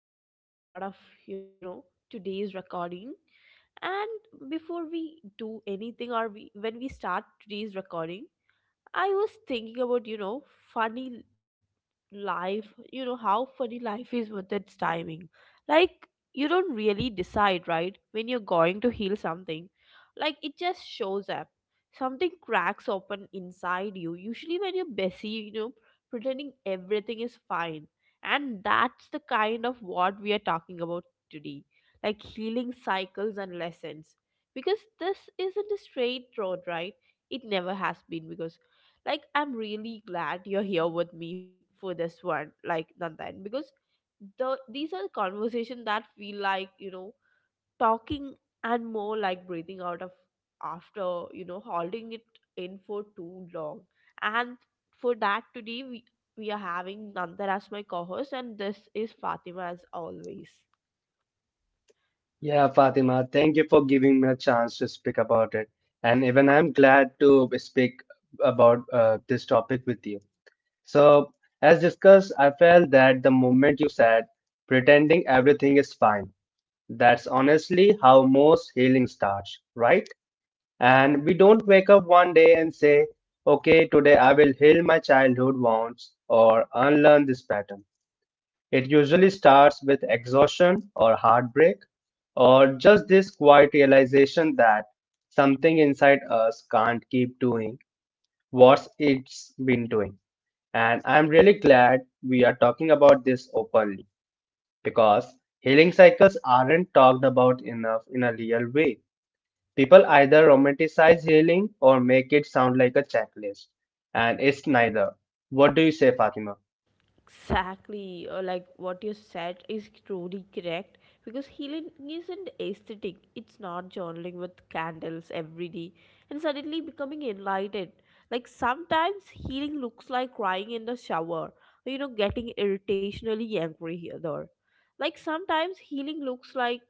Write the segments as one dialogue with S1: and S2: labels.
S1: back to another episode of, you know, today's recording. And before we do anything or when we start today's recording, I was thinking about, you know, funny life, you know, how funny life is with its timing. Like, you don't really decide, right, when you're going to heal something. Like, it just shows up. Something cracks open inside you, usually when you're busy, you know, pretending everything is fine. And that's the kind of what we are talking about today. Like, healing cycles and lessons. Because this isn't a straight road, right? It never has been, because like, I'm really glad you're here with me for this one, like, Nandan, because these are conversations that feel like, you know, talking, and more like breathing out of, after, you know, holding it in for too long. And for that, today, we are having Nandar as my co-host, and this is Fatima as always.
S2: Yeah, Fatima, thank you for giving me a chance to speak about it. And even I'm glad to speak about this topic with you. So, as discussed, I felt that the moment you said pretending everything is fine, that's honestly how most healing starts, right? And we don't wake up one day and say, okay, today I will heal my childhood wounds or unlearn this pattern. It usually starts with exhaustion or heartbreak, or just this quiet realization that something inside us can't keep doing what it's been doing. And I'm really glad we are talking about this openly because healing cycles aren't talked about enough in a real way. People either romanticize healing or make it sound like a checklist, and it's neither. What do you say, Fatima?
S1: Exactly, or like what you said is truly correct, because healing isn't aesthetic, it's not journaling with candles every day and suddenly becoming enlightened. Like sometimes healing looks like crying in the shower, or, you know, getting irritationally angry here there. Like sometimes healing looks like,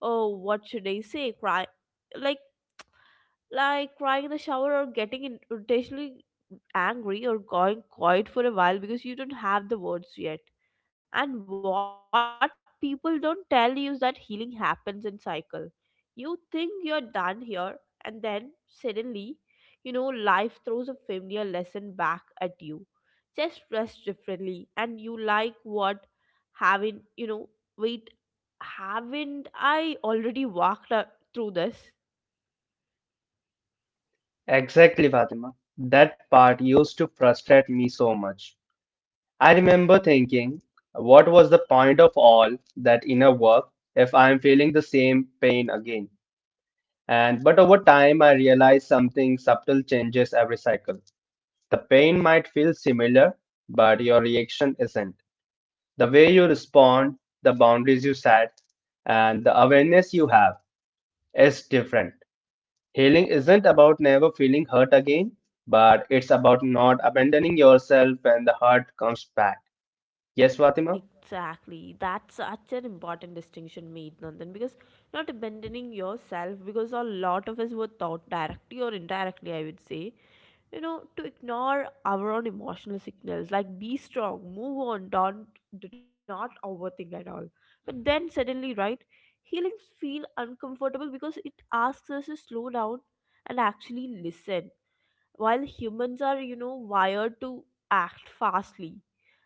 S1: oh, what should I say? Cry like crying in the shower, or getting intentionally angry, or going quiet for a while because you don't have the words yet. And what people don't tell you is that healing happens in cycle. You think you're done here, and then suddenly, you know, life throws a familiar lesson back at you. Just dress differently, and you like what, haven't, Wait, haven't I already walked through this?
S2: Exactly, Fatima. That part used to frustrate me so much. I remember thinking, what was the point of all that inner work if I am feeling the same pain again? And but over time, I realized something subtle changes every cycle. The pain might feel similar, but your reaction isn't. The way you respond, the boundaries you set, and the awareness you have is different. Healing isn't about never feeling hurt again, but it's about not abandoning yourself when the hurt comes back. Yes, Fatima?
S1: Exactly. That's such an important distinction made, Nandan, because not abandoning yourself, because a lot of us were taught directly or indirectly, I would say, you know, to ignore our own emotional signals, like be strong, move on, don't do not overthink at all. But then suddenly, right, healings feel uncomfortable because it asks us to slow down and actually listen, while humans are, you know, wired to act fastly.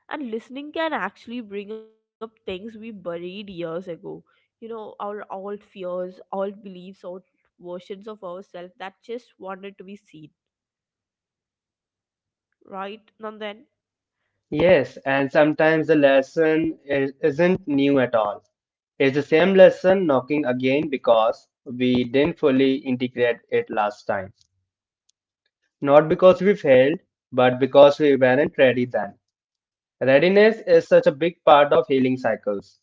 S1: And listening can actually bring up things we buried years ago, you know, our old fears, old beliefs, old versions of ourselves that just wanted to be seen right now.
S2: Yes, and sometimes the lesson isn't new at all. It's the same lesson knocking again because we didn't fully integrate it last time. Not because we failed, but because we weren't ready then. Readiness is such a big part of healing cycles,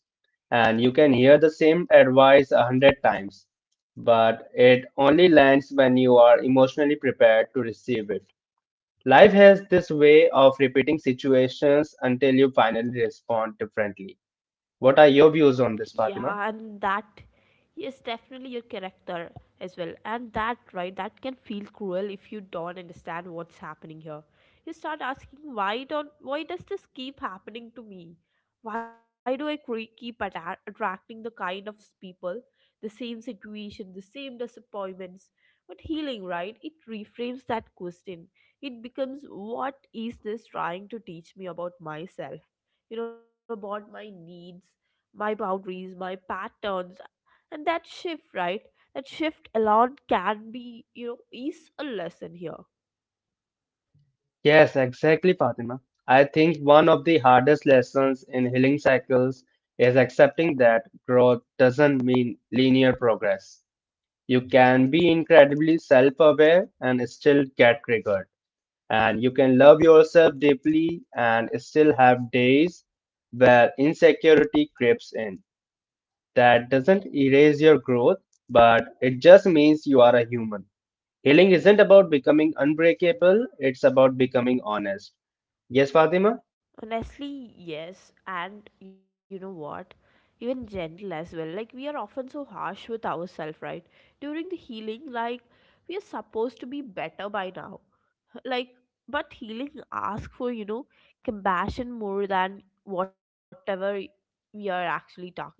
S2: and you can hear the same advice a hundred times but it only lands when you are emotionally prepared to receive it. Life has this way of repeating situations until you finally respond differently. What are your views
S1: Yeah,
S2: on this,
S1: and
S2: Fatima?
S1: that, yes, definitely your character as well. And that, right, that can feel cruel if you don't understand what's happening here. You start asking, why don't, why does this keep happening to me? Why do keep attracting the kind of people, the same situation, the same disappointments? But healing, right, it reframes that question. It becomes, what is this trying to teach me about myself, you know, about my needs, my boundaries, my patterns? And that shift, right? That shift alone can be, you know, is a lesson here.
S2: Yes, exactly, Fatima. I think one of the hardest lessons in healing cycles is accepting that growth doesn't mean linear progress. You can be incredibly self aware and still get triggered. And you can love yourself deeply and still have days where insecurity creeps in. That doesn't erase your growth, but it just means you are a human. Healing isn't about becoming unbreakable, it's about becoming honest. Yes, Fatima?
S1: Honestly, yes. And you know what? Even gentle as well. Like, we are often so harsh with ourselves, right? During the healing, like, we are supposed to be better by now. Like, but healing asks for, you know, compassion more than whatever we are actually talking about,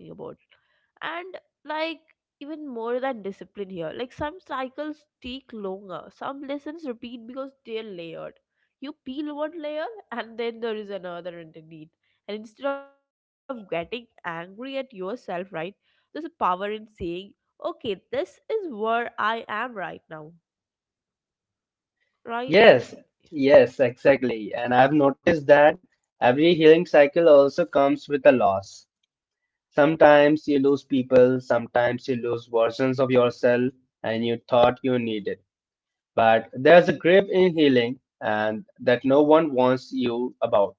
S1: and, like, even more than discipline here. Like, some cycles take longer, some lessons repeat because they're layered. You peel one layer, and then there is another underneath. And instead of getting angry at yourself, right, there's a power in saying, okay, this is where I am right now, right?
S2: Yes, yes, exactly. And I've noticed that every healing cycle also comes with a loss. Sometimes you lose people, sometimes you lose versions of yourself and you thought you needed. But there's a grip in healing and that no one wants you about.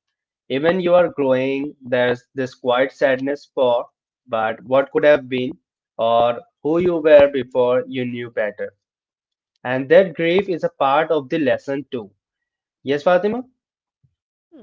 S2: Even you are growing, there's this quiet sadness for, but what could have been, or who you were before you knew better. And that grief is a part of the lesson too. Yes, Fatima?
S1: Hmm,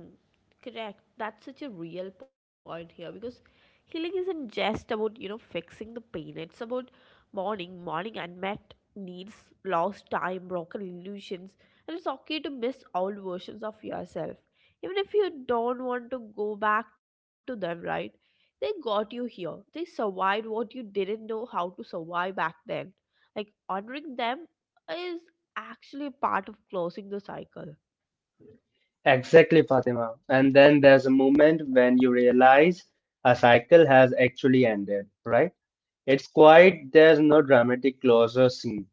S1: correct. That's such a real point here, because healing isn't just about, you know, fixing the pain. It's about mourning, mourning unmet needs, lost time, broken illusions. And it's okay to miss old versions of yourself, even if you don't want to go back to them, right? They got you here. They survived what you didn't know how to survive back then. Like, honoring them is actually part of closing the cycle.
S2: Exactly, Fatima. And then there's a moment when you realize a cycle has actually ended, right? It's quite. There's no dramatic closure scene.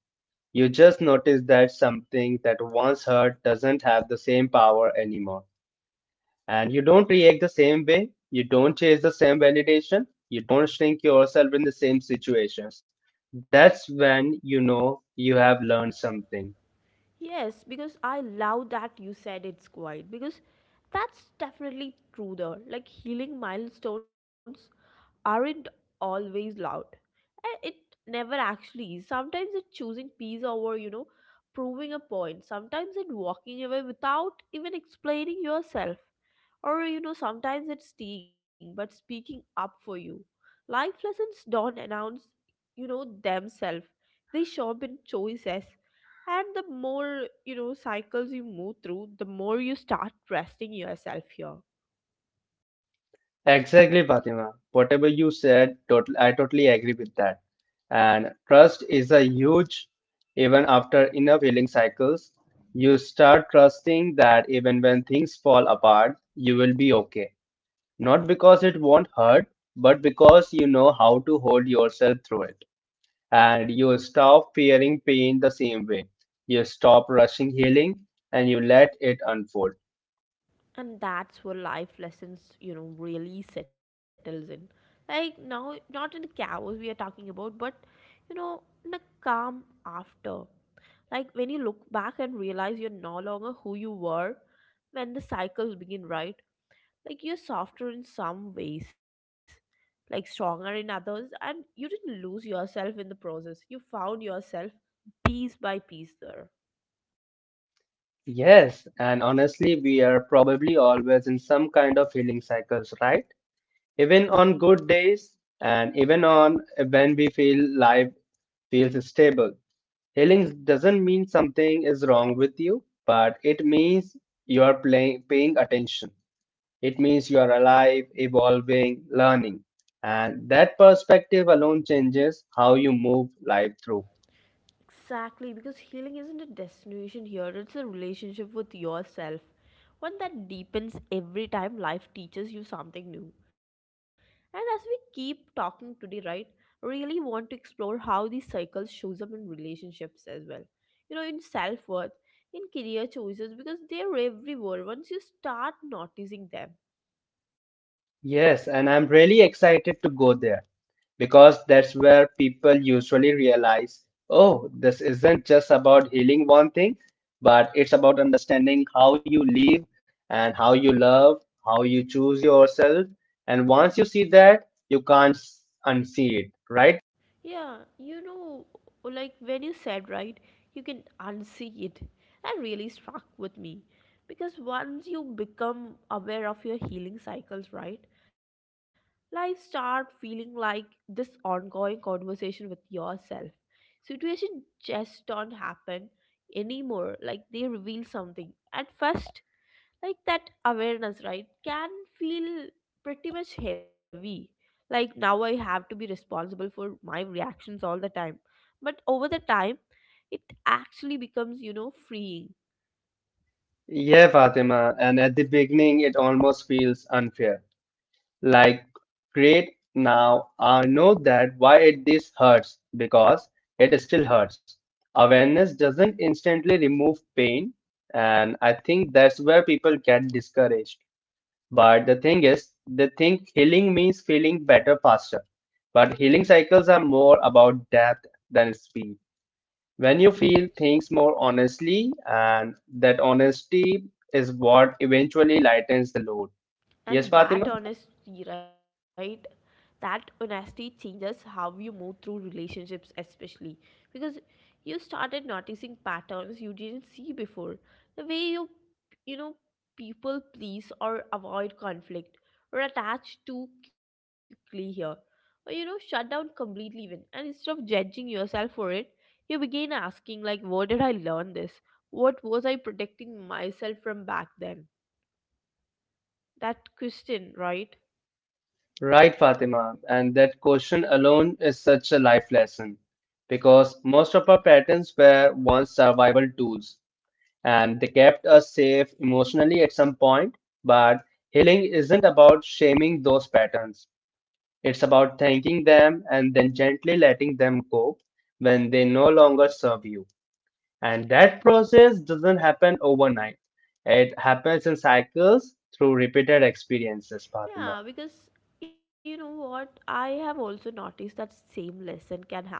S2: You just notice that something that once hurt doesn't have the same power anymore. And you don't react the same way, you don't chase the same validation, you don't shrink yourself in the same situations. That's when you know you have learned something.
S1: Yes, because I love that you said it's quiet, because that's definitely true there. Like, healing milestones aren't always loud. And it never actually is. Sometimes it's choosing peace over, you know, proving a point. Sometimes it's walking away without even explaining yourself. Or, you know, sometimes it's teeing, but speaking up for you. Life lessons don't announce, you know, themselves. They show up in choices. And the more, you know, cycles you move through, the more you start trusting yourself here.
S2: Exactly, Fatima. Whatever you said, I totally agree with that. And trust is a huge, even after inner healing cycles, you start trusting that even when things fall apart, you will be okay. Not because it won't hurt, but because you know how to hold yourself through it. And you stop fearing pain the same way. You stop rushing healing and you let it unfold.
S1: And that's where life lessons, you know, really settles in. Like, now, not in the chaos we are talking about, but, you know, in a calm after, like when you look back and realize you're no longer who you were when the cycles begin, right? Like, you're softer in some ways, like stronger in others, and you didn't lose yourself in the process, you found yourself piece by piece there.
S2: Yes, and honestly, we are probably always in some kind of healing cycles, right? Even on good days and even on when we feel life feels stable. Healing doesn't mean something is wrong with you, but it means you are paying attention. It means you are alive, evolving, learning. And that perspective alone changes how you move life through.
S1: Exactly, because healing isn't a destination here, it's a relationship with yourself. One that deepens every time life teaches you something new. And as we keep talking today, right, really want to explore how these cycles shows up in relationships as well. You know, in self-worth, in career choices, because they're everywhere once you start noticing them.
S2: Yes, and I'm really excited to go there because that's where people usually realize oh, this isn't just about healing one thing, but it's about understanding how you live and how you love, how you choose yourself. And once you see that, you can't unsee it, right?
S1: Yeah, you know, like when you said, right, you can unsee it. That really struck with me. Because once you become aware of your healing cycles, right, life start feeling like this ongoing conversation with yourself. Situation just don't happen anymore. Like, they reveal something. At first, like, that awareness, right, can feel pretty much heavy. Like, now I have to be responsible for my reactions all the time. But over the time, it actually becomes, you know, freeing.
S2: Yeah, Fatima. And at the beginning, it almost feels unfair. Like, great, now I know that why it this hurts, because it still hurts. Awareness doesn't instantly remove pain, and I think that's where people get discouraged. But the thing is, they think healing means feeling better faster, but healing cycles are more about depth than speed. When you feel things more honestly, and that honesty is what eventually lightens the load.
S1: And
S2: Yes,
S1: that
S2: Fatima?
S1: honesty, right? That honesty changes how you move through relationships, especially because you started noticing patterns you didn't see before. The way you, you know, people please or avoid conflict or attach too quickly here, or, you know, shut down completely even. And instead of judging yourself for it, you begin asking, like, where did I learn this? What was I protecting myself from back then? That question, right?
S2: Right, Fatima. And that question alone is such a life lesson because most of our patterns were once survival tools and they kept us safe emotionally at some point. But healing isn't about shaming those patterns, it's about thanking them and then gently letting them go when they no longer serve you. And that process doesn't happen overnight, it happens in cycles through repeated experiences,
S1: Yeah,
S2: Fatima.
S1: because you know what? I have also noticed that same lesson can happen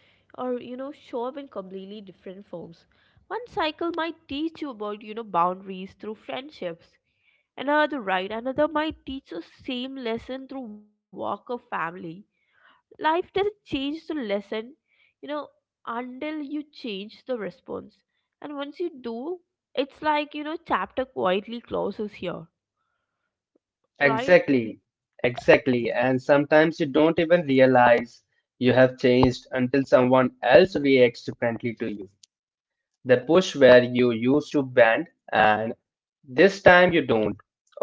S1: or, you know, show up in completely different forms. One cycle might teach you about, you know, boundaries through friendships. Another, right, another might teach the same lesson through work or family. Life doesn't change the lesson, you know, until you change the response. And once you do, it's like, you know, chapter quietly closes here, right?
S2: Exactly. Exactly, and sometimes you don't even realize you have changed until someone else reacts differently to you. They push where you used to bend, and this time you don't.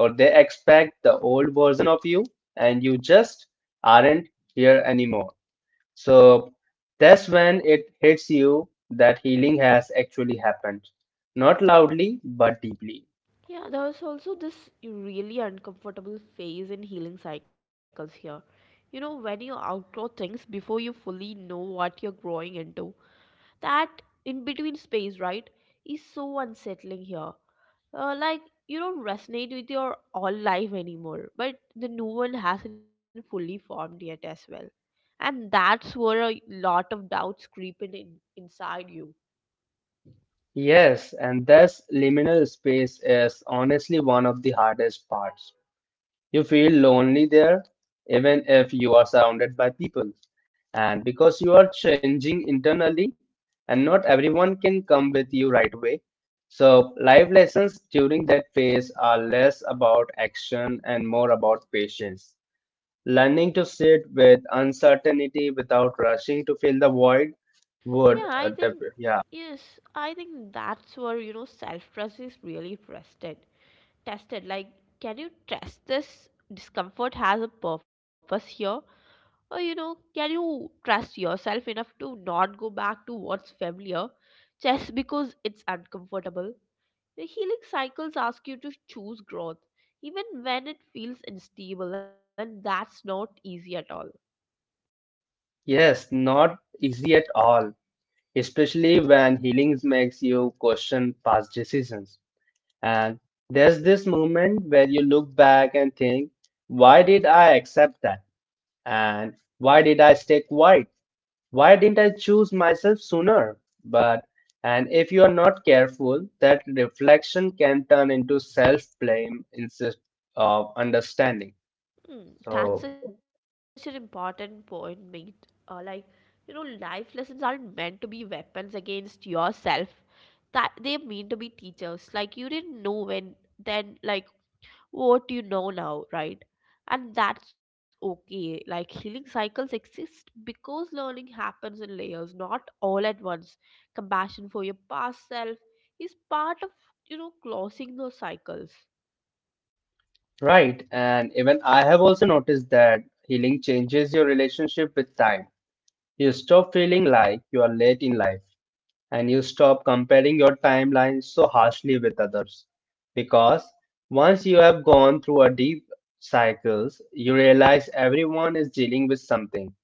S2: Or they expect the old version of you, and you just aren't here anymore. So that's when it hits you that healing has actually happened. Not loudly, but deeply.
S1: Yeah, there's also this really uncomfortable phase in healing cycles here. You know, when you outgrow things before you fully know what you're growing into, that in between space, right, is so unsettling here. Like, you don't resonate with your all life anymore, but the new one hasn't fully formed yet as well. And that's where a lot of doubts creep in inside you.
S2: Yes, and this liminal space is honestly one of the hardest parts. You feel lonely there, even if you are surrounded by people. And because you are changing internally, and not everyone can come with you right away. So, life lessons during that phase are less about action and more about patience. Learning to sit with uncertainty without rushing to fill the void
S1: Yeah,
S2: would,
S1: I think,
S2: yeah,
S1: yes, I think that's where, you know, self-trust is really tested. Tested. Like, can you trust this discomfort has a purpose here? Or, you know, can you trust yourself enough to not go back to what's familiar just because it's uncomfortable? The healing cycles ask you to choose growth, even when it feels unstable, and that's not easy at all.
S2: yes, not easy at all, especially when healing makes you question past decisions. And there's this moment where you look back and think, why did I accept that? And why did I stay quiet? Why didn't I choose myself sooner? But, and if you are not careful, that reflection can turn into self blame instead of understanding.
S1: Hmm, that's
S2: So,
S1: such an important point made. Like, you know, life lessons aren't meant to be weapons against yourself. That they mean to be teachers. Like, you didn't know when then, like, what you know now, right? And that's okay. Like, healing cycles exist because learning happens in layers, not all at once. Compassion for your past self is part of, you know, closing those cycles.
S2: right. And even I have also noticed that healing changes your relationship with time. You stop feeling like you are late in life and you stop comparing your timeline so harshly with others. Because once you have gone through a deep cycles, you realize everyone is dealing with something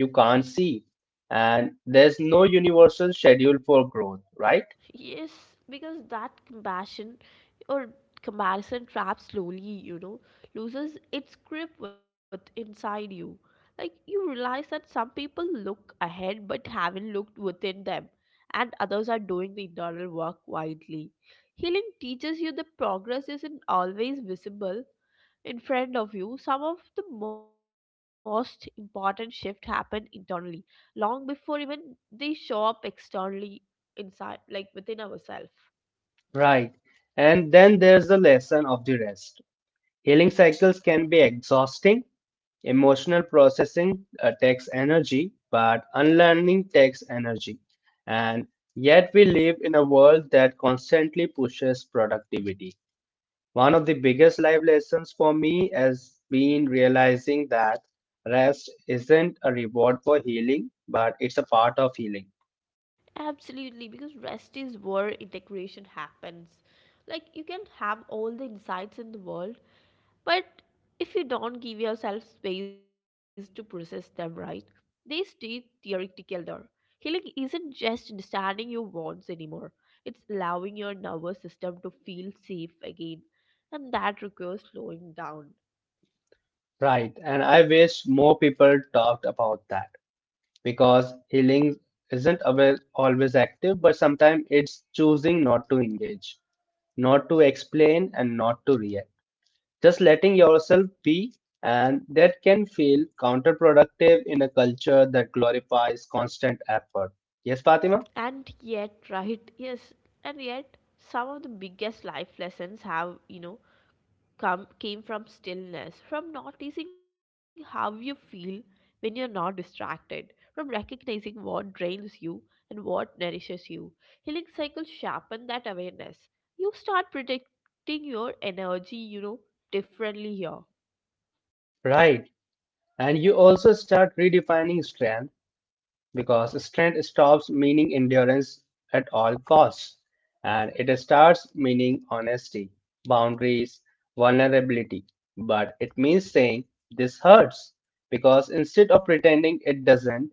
S2: you can't see, and there's no universal schedule for growth, right?
S1: Yes, because that compassion or comparison trap slowly, you know, loses its grip with inside you. Like, you realize that some people look ahead but haven't looked within them, and others are doing the internal work quietly. Healing teaches you that progress isn't always visible, in front of you, some of the most important shifts happen internally, long before even they show up externally inside, like within ourselves.
S2: Right. And then there's the lesson of the rest. Healing cycles can be exhausting. Emotional processing takes energy, but unlearning takes energy. And yet, we live in a world that constantly pushes productivity. One of the biggest life lessons for me has been realizing that rest isn't a reward for healing, but it's a part of healing.
S1: Absolutely, because rest is where integration happens. Like, you can have all the insights in the world, but if you don't give yourself space to process them right, they stay theoretical there. Healing isn't just understanding your wants anymore, it's allowing your nervous system to feel safe again. And that requires slowing down.
S2: Right. And I wish more people talked about that because healing isn't always active, but sometimes it's choosing not to engage. Not to explain and not to react. Just letting yourself be, and that can feel counterproductive in a culture that glorifies constant effort. Yes, Fatima?
S1: And yet, right, yes, and yet, some of the biggest life lessons have, you know, come came from stillness, from noticing how you feel when you're not distracted, from recognizing what drains you and what nourishes you. Healing cycles sharpen that awareness. You start protecting your energy, you know, differently here.
S2: Right. And you also start redefining strength because strength stops meaning endurance at all costs and it starts meaning honesty, boundaries, vulnerability. But it means saying this hurts because instead of pretending it doesn't,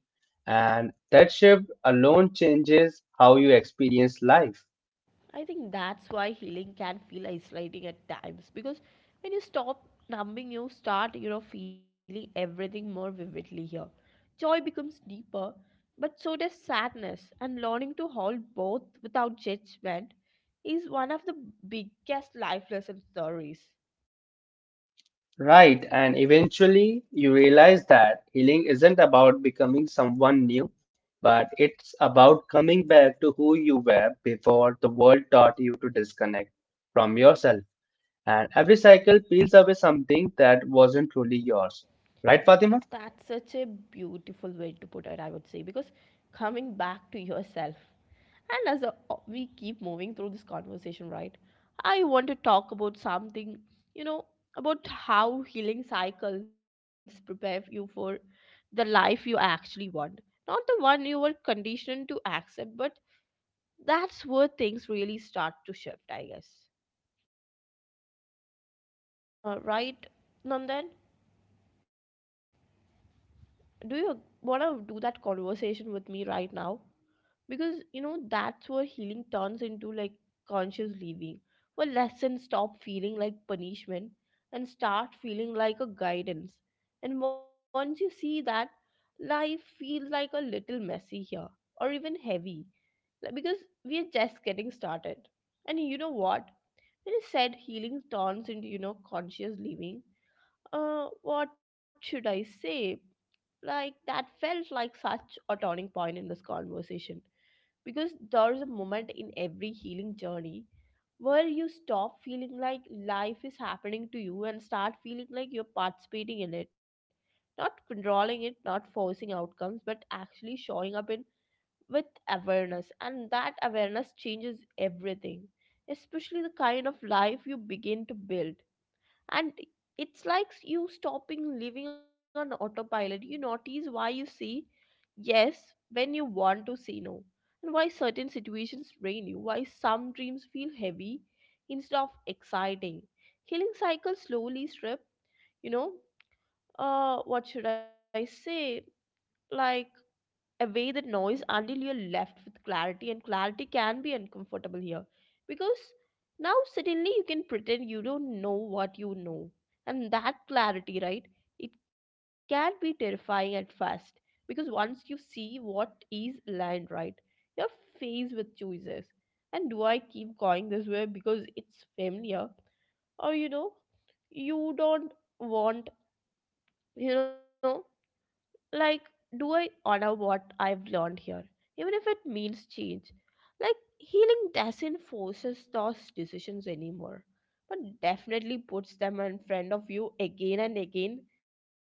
S2: And that shift alone changes how you experience life.
S1: I think that's why healing can feel isolating at times, because when you stop numbing, you start, you know, feeling everything more vividly here. Joy becomes deeper, but so does sadness, and learning to hold both without judgment is one of the biggest life lesson stories.
S2: Right. And eventually you realize that healing isn't about becoming someone new, but it's about coming back to who you were before the world taught you to disconnect from yourself. And every cycle peels away something that wasn't truly yours. Right,
S1: That's
S2: Fatima?
S1: such a beautiful way to put it, I would say, because coming back to yourself. And as we keep moving through this conversation, right, I want to talk about something, you know, about how healing cycles prepare you for the life you actually want. Not the one you were conditioned to accept, but that's where things really start to shift, I guess.
S2: Right,
S1: Uh,
S2: Fatima. And
S1: right,
S2: even I'm ready
S1: Nandan?
S2: for that conversation. Before
S1: Do you
S2: that,
S1: want to
S2: we
S1: do
S2: are
S1: that
S2: healing turns
S1: conversation with
S2: into
S1: me right
S2: conscious
S1: now?
S2: living
S1: Because,
S2: where
S1: you know,
S2: lessons
S1: that's
S2: stop
S1: where
S2: feeling like
S1: healing turns into
S2: punishments
S1: like
S2: and start
S1: conscious
S2: feeling like
S1: living, where
S2: guidance.
S1: lessons stop
S2: And
S1: feeling
S2: once you
S1: like
S2: see that,
S1: punishment and
S2: life
S1: start
S2: feels a
S1: feeling
S2: little
S1: like a
S2: less
S1: guidance.
S2: heavy.
S1: And once you see that, life feels like a little messy here or even heavy, like, because we are just getting started. And you know what? When you said healing turns into, you know, conscious living, what should I say? Like, that felt like such a turning point in this conversation. Because there is a moment in every healing journey where you stop feeling like life is happening to you and start feeling like you're participating in it. Not controlling it, not forcing outcomes, but actually showing up in with awareness. And that awareness changes everything, especially the kind of life you begin to build. And it's like you stopping living on autopilot. You notice why you say yes when you want to say no, and why certain situations drain you, why some dreams feel heavy instead of exciting. Healing cycle slowly strip, you know what should I say like away the noise until you're left with clarity, and clarity can be uncomfortable here, because now suddenly you can pretend you don't know what you know. And that clarity, right, it can be terrifying at first, because once you see what is aligned, right, you're faced with choices. And do I keep going this way because it's familiar, or you know you don't want you know like do I honor what I've learned here, even if it means change? Like healing doesn't forces those decisions anymore, but definitely puts them in front of you again and again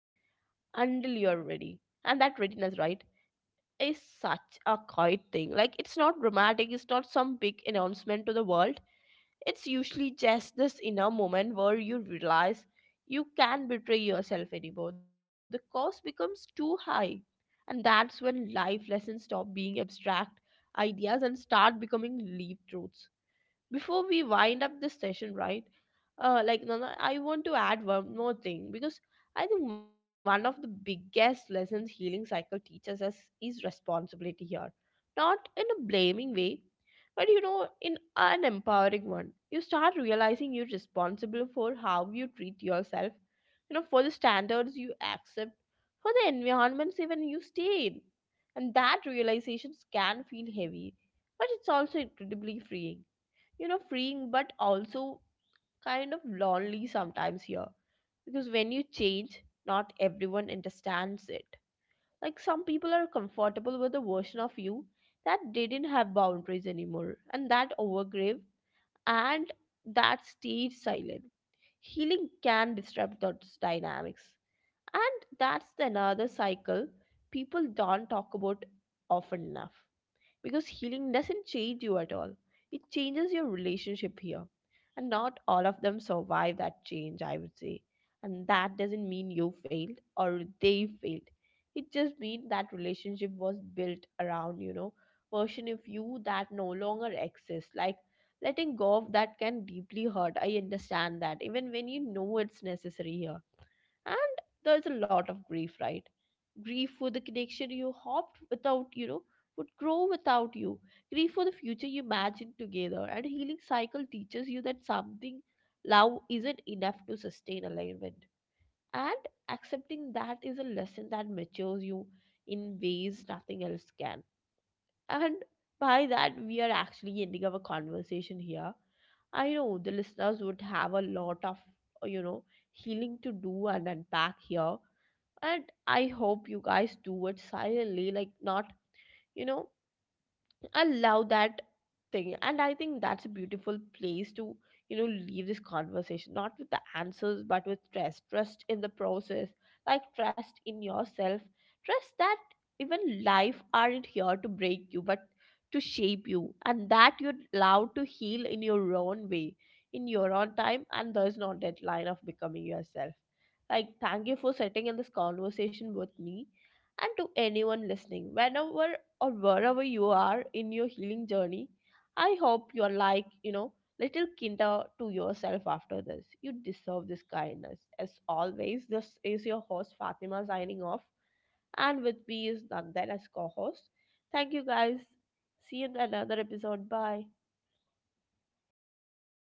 S1: until you're ready. And that readiness, right, is such a quiet thing. Like it's not dramatic, it's not some big announcement to the world. It's usually just this inner moment where you realize you can't betray yourself anymore. The cost becomes too high, and that's when life lessons stop being abstract ideas and start becoming lived truths. Before we wind up this session, right? Like Nana, I want to add one more thing because I think one of the biggest lessons healing cycle teaches us is responsibility here, not in a blaming way, but, you know, in an empowering one. You start realizing you're responsible for how you treat yourself, you know, for the standards you accept, for the environments even you stay in. And that realization can feel heavy, but it's also incredibly freeing. You know, freeing, but also kind of lonely sometimes here, because when you change, not everyone understands it. Like some people are comfortable with a version of you that didn't have boundaries anymore and that overgave, and that stayed silent. Healing can disrupt those dynamics, and that's the another cycle people don't talk about often enough. Because healing doesn't change you at all. It changes your relationship here. And not all of them survive that change, I would say. And that doesn't mean you failed or they failed. It just means that relationship was built around, you know, version of you that no longer exists. Like letting go of that can deeply hurt. I understand that. Even when you know it's necessary here. And there's a lot of grief, right, grief for the connection you hoped without, you know, would grow without you. Grief for the future you imagine together, and healing cycle teaches you that something love isn't enough to sustain alignment. And accepting that is a lesson that matures you in ways nothing else can. And by that, we are actually ending our conversation here. I know the listeners would have a lot of, you know, healing to do and unpack here. And I hope you guys do it silently, like not, you know, allow that thing. And I think that's a beautiful place to, you know, leave this conversation, not with the answers but with trust. Trust in the process, like trust in yourself, trust that even life aren't here to break you but to shape you, and that you're allowed to heal in your own way, in your own time, and there's no deadline of becoming yourself. Like thank you for sitting in this conversation with me. And to anyone listening, whenever or wherever you are in your healing journey, I hope you are like, you know, little kinder to yourself after this. You deserve this kindness. As always, this is your host Fatima signing off, and with me is Nandan as co host. Thank you guys. See you in another episode. Bye.